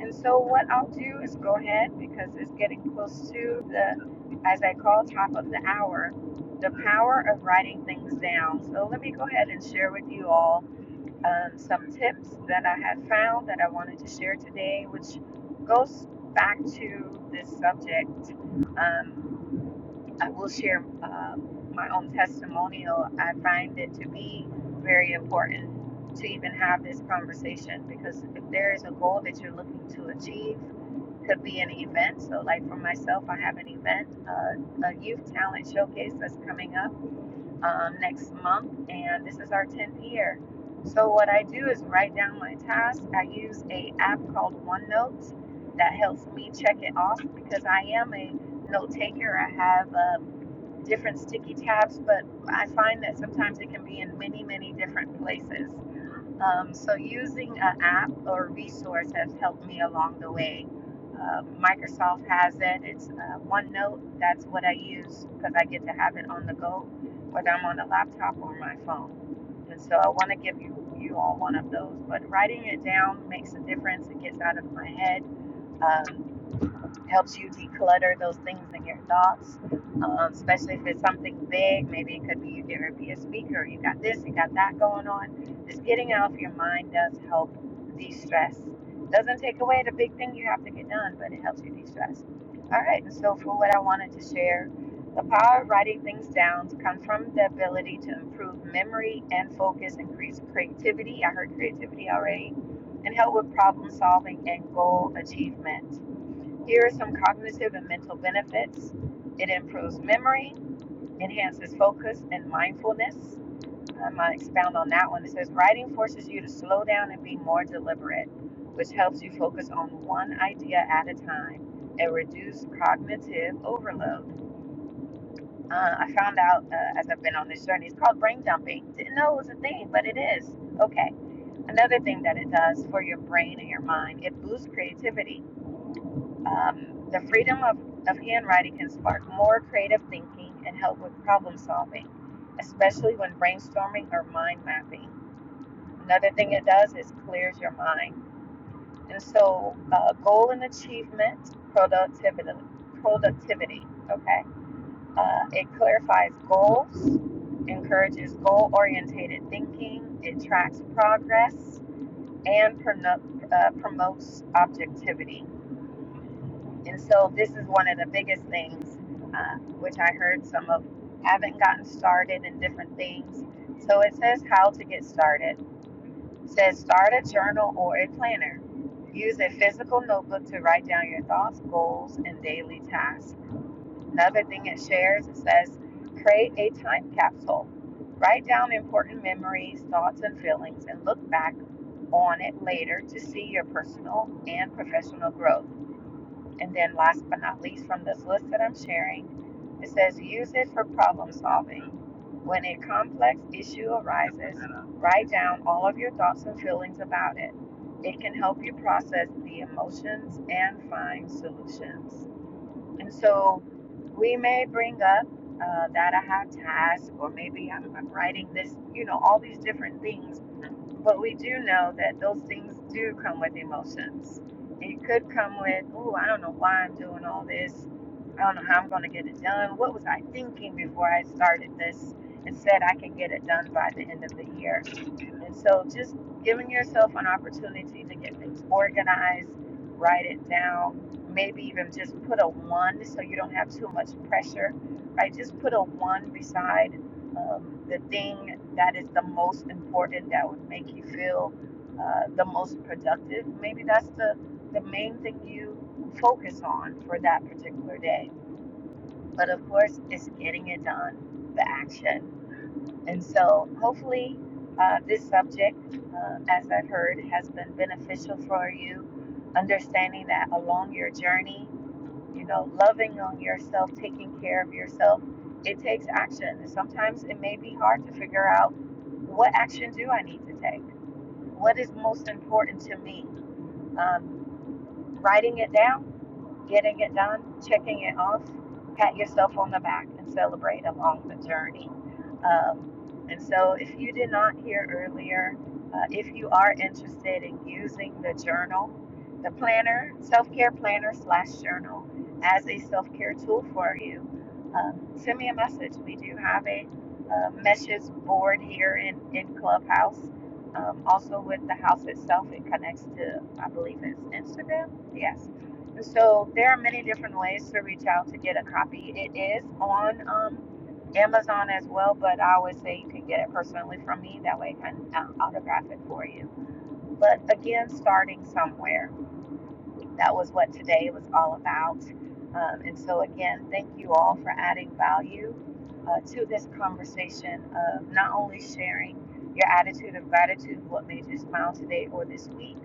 And so what I'll do is go ahead because it's getting close to the, as I call, top of the hour, the power of writing things down. So let me go ahead and share with you all um, some tips that I have found that I wanted to share today, which goes back to this subject. Um, I will share um, my own testimonial. I find it to be very important to even have this conversation because if there is a goal that you're looking to achieve, could be an event. So, like for myself, I have an event, uh, a youth talent showcase that's coming up um, next month, and this is our 10th year. So, what I do is write down my tasks. I use a app called OneNote that helps me check it off because I am a note taker. I have um, different sticky tabs, but I find that sometimes it can be in many, many different places. Um, so using an app or resource has helped me along the way. Uh, Microsoft has it. It's uh, OneNote. That's what I use because I get to have it on the go, whether I'm on a laptop or my phone. And so I want to give you, you all one of those. But writing it down makes a difference. It gets out of my head. Um, helps you declutter those things in your thoughts, um, especially if it's something big. Maybe it could be you get ready to be a speaker, you got this, you got that going on. Just getting it off your mind does help de stress. Doesn't take away the big thing you have to get done, but it helps you de stress. All right, and so for what I wanted to share, the power of writing things down comes from the ability to improve memory and focus, increase creativity. I heard creativity already, and help with problem solving and goal achievement. Here are some cognitive and mental benefits it improves memory, enhances focus and mindfulness. I'm going to expound on that one. It says writing forces you to slow down and be more deliberate, which helps you focus on one idea at a time and reduce cognitive overload. Uh, I found out uh, as I've been on this journey, it's called brain dumping. Didn't know it was a thing, but it is. Okay. Another thing that it does for your brain and your mind, it boosts creativity um, the freedom of, of handwriting can spark more creative thinking and help with problem solving, especially when brainstorming or mind mapping. Another thing it does is clears your mind. And so, uh, goal and achievement, productivity, productivity. Okay, uh, it clarifies goals, encourages goal-oriented thinking, it tracks progress, and prono- uh, promotes objectivity. And so this is one of the biggest things, uh, which I heard some of haven't gotten started in different things. So it says how to get started. It says start a journal or a planner. Use a physical notebook to write down your thoughts, goals, and daily tasks. Another thing it shares it says create a time capsule. Write down important memories, thoughts, and feelings, and look back on it later to see your personal and professional growth. And then, last but not least, from this list that I'm sharing, it says use it for problem solving. When a complex issue arises, write down all of your thoughts and feelings about it. It can help you process the emotions and find solutions. And so, we may bring up uh, that I have task, or maybe I'm, I'm writing this, you know, all these different things but we do know that those things do come with emotions. It could come with, oh, I don't know why I'm doing all this. I don't know how I'm going to get it done. What was I thinking before I started this and said I can get it done by the end of the year? And so just giving yourself an opportunity to get things organized, write it down, maybe even just put a one so you don't have too much pressure, right? Just put a one beside um, the thing that is the most important that would make you feel uh, the most productive. Maybe that's the, the main thing you focus on for that particular day. But of course, it's getting it done, the action. And so hopefully, uh, this subject, uh, as I've heard, has been beneficial for you, understanding that along your journey you know, loving on yourself, taking care of yourself, it takes action. Sometimes it may be hard to figure out what action do I need to take? What is most important to me? Um, writing it down getting it done, checking it off, pat yourself on the back and celebrate along the journey. Um, and so, if you did not hear earlier, uh, if you are interested in using the journal, the planner, self care planner slash journal, as a self care tool for you, um, send me a message. We do have a uh, message board here in, in Clubhouse. Um, also, with the house itself, it connects to, I believe it's Instagram. Yes and So there are many different ways to reach out to get a copy. It is on um, Amazon as well, but I always say you can get it personally from me. That way I can uh, autograph it for you. But again, starting somewhere. That was what today was all about. Um, and so, again, thank you all for adding value uh, to this conversation of not only sharing your attitude of gratitude, what made you smile today or this week,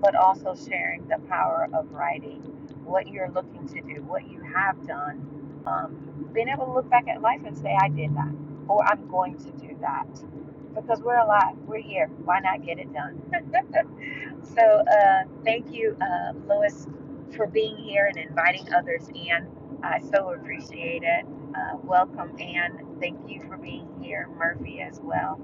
but also sharing the power of writing, what you're looking to do, what you have done, um, being able to look back at life and say, I did that, or I'm going to do that. Because we're alive, we're here, why not get it done? So uh, thank you, uh, Lois, for being here and inviting others in. I so appreciate it. Uh, welcome, Anne. Thank you for being here, Murphy as well.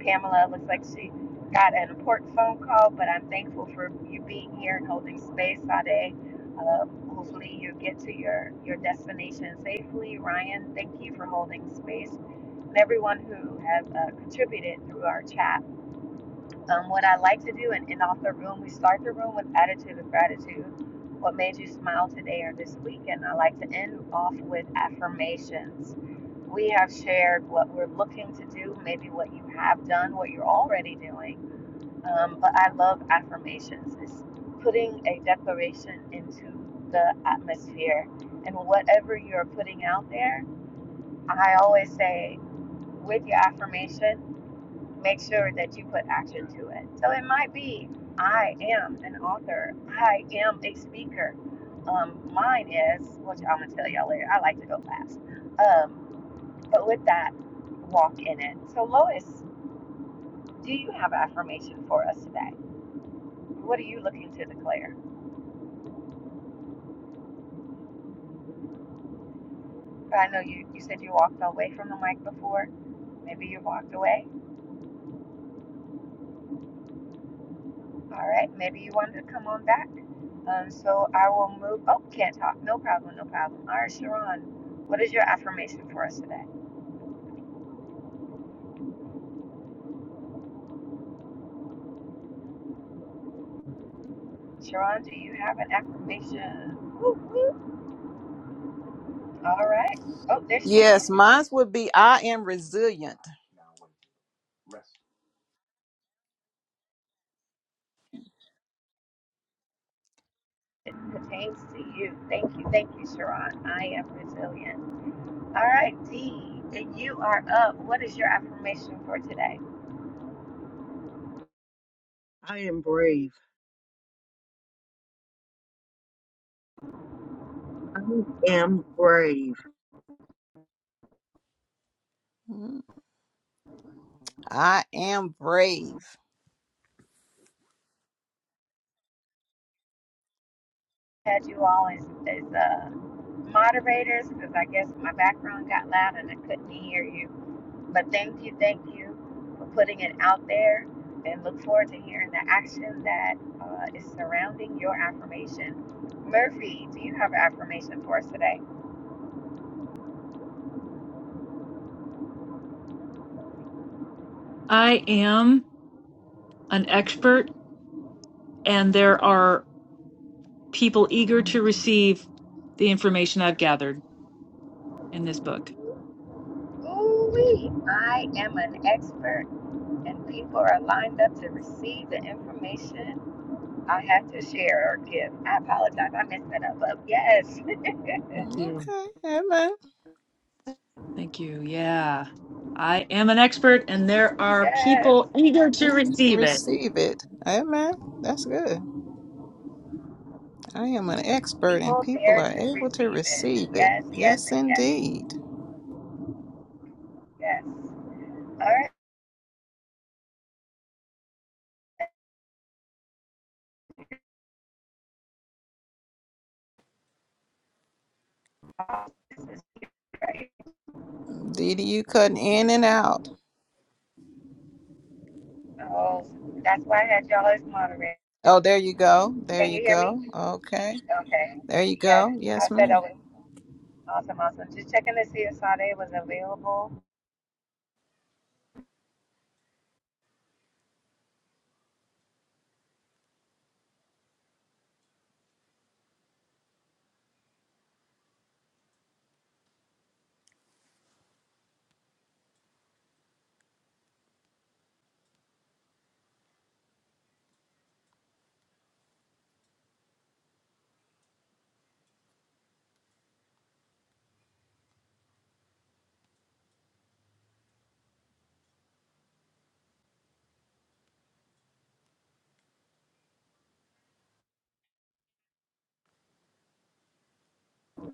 Pamela looks like she got an important phone call, but I'm thankful for you being here and holding space, Sade. Uh, hopefully you get to your, your destination safely. Ryan, thank you for holding space. And everyone who has uh, contributed through our chat um, what I like to do and end off the room. We start the room with attitude of gratitude. What made you smile today or this week? And I like to end off with affirmations. We have shared what we're looking to do, maybe what you have done, what you're already doing. Um, but I love affirmations. It's putting a declaration into the atmosphere. And whatever you're putting out there, I always say with your affirmation, make sure that you put action to it. So it might be, I am an author. I am a speaker. Um, mine is, which I'm gonna tell y'all later. I like to go fast. Um, but with that, walk in it. So Lois, do you have affirmation for us today? What are you looking to declare? I know you, you said you walked away from the mic before. Maybe you walked away. All right, maybe you wanted to come on back. Um, so I will move. Oh, can't talk. No problem, no problem. All right, Sharon, what is your affirmation for us today? Sharon, do you have an affirmation? All right. Oh, there she is. Yes, mine would be I am resilient. It pertains to you. Thank you, thank you, Sharon. I am resilient. All right, Dee, you are up. What is your affirmation for today? I am brave. I am brave. Mm, I am brave. Had you all as, as uh, moderators because I guess my background got loud and I couldn't hear you. But thank you, thank you for putting it out there and look forward to hearing the action that uh, is surrounding your affirmation. Murphy, do you have an affirmation for us today? I am an expert, and there are people eager to receive the information I've gathered in this book. Ooh-wee, I am an expert and people are lined up to receive the information I have to share or give. I apologize, I messed that up, but yes, Thank Mm, you. Okay, amen. Thank you. Yeah. I am an expert, and there are yes. people eager to Yeah, receive it. Receive it. Amen. That's good. I am an expert and People people there are to able to receive it. receive it. Yes, yes, Yes, and yes, indeed. yes. All right. This is great. Didi, you cutting in and out. Oh, that's why I had y'all as moderator. Oh, there you go. There Can you you hear me? go. Okay. Okay. There you Yes, go. I Yes, said ma'am. I was awesome, awesome. Just checking to see if Sade was available.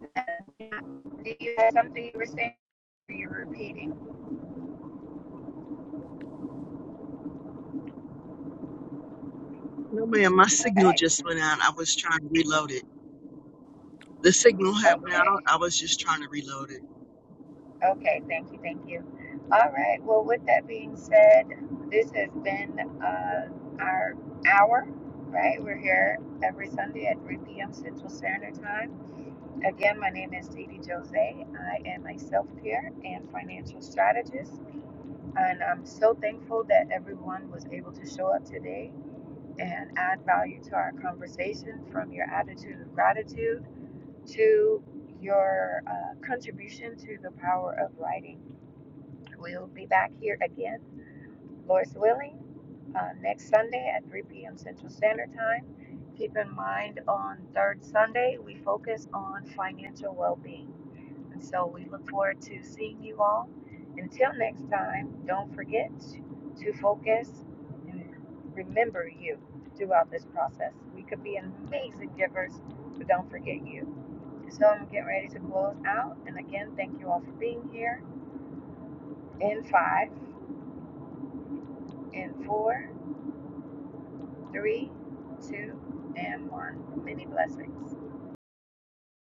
Do you have something you were saying? You're repeating. No, ma'am, my signal Okay. just went out. I was trying to reload it. The signal had went out. Okay. I was just trying to reload it. Okay. Thank you. Thank you. All right. Well, with that being said, this has been uh, our hour, right? We're here every Sunday at 3 p.m. Central Standard Time. Again, my name is Didi Jose. I am a self care and financial strategist, and I'm so thankful that everyone was able to show up today and add value to our conversation from your attitude of gratitude to your uh, contribution to the power of writing. We'll be back here again, Lord's willing, uh, next Sunday at 3 p.m. Central Standard Time. Keep in mind on third Sunday, we focus on financial well being. And so we look forward to seeing you all. Until next time, don't forget to focus and remember you throughout this process. We could be amazing givers, but don't forget you. So I'm getting ready to close out. And again, thank you all for being here. In five, in four, three, two, and one. Many blessings.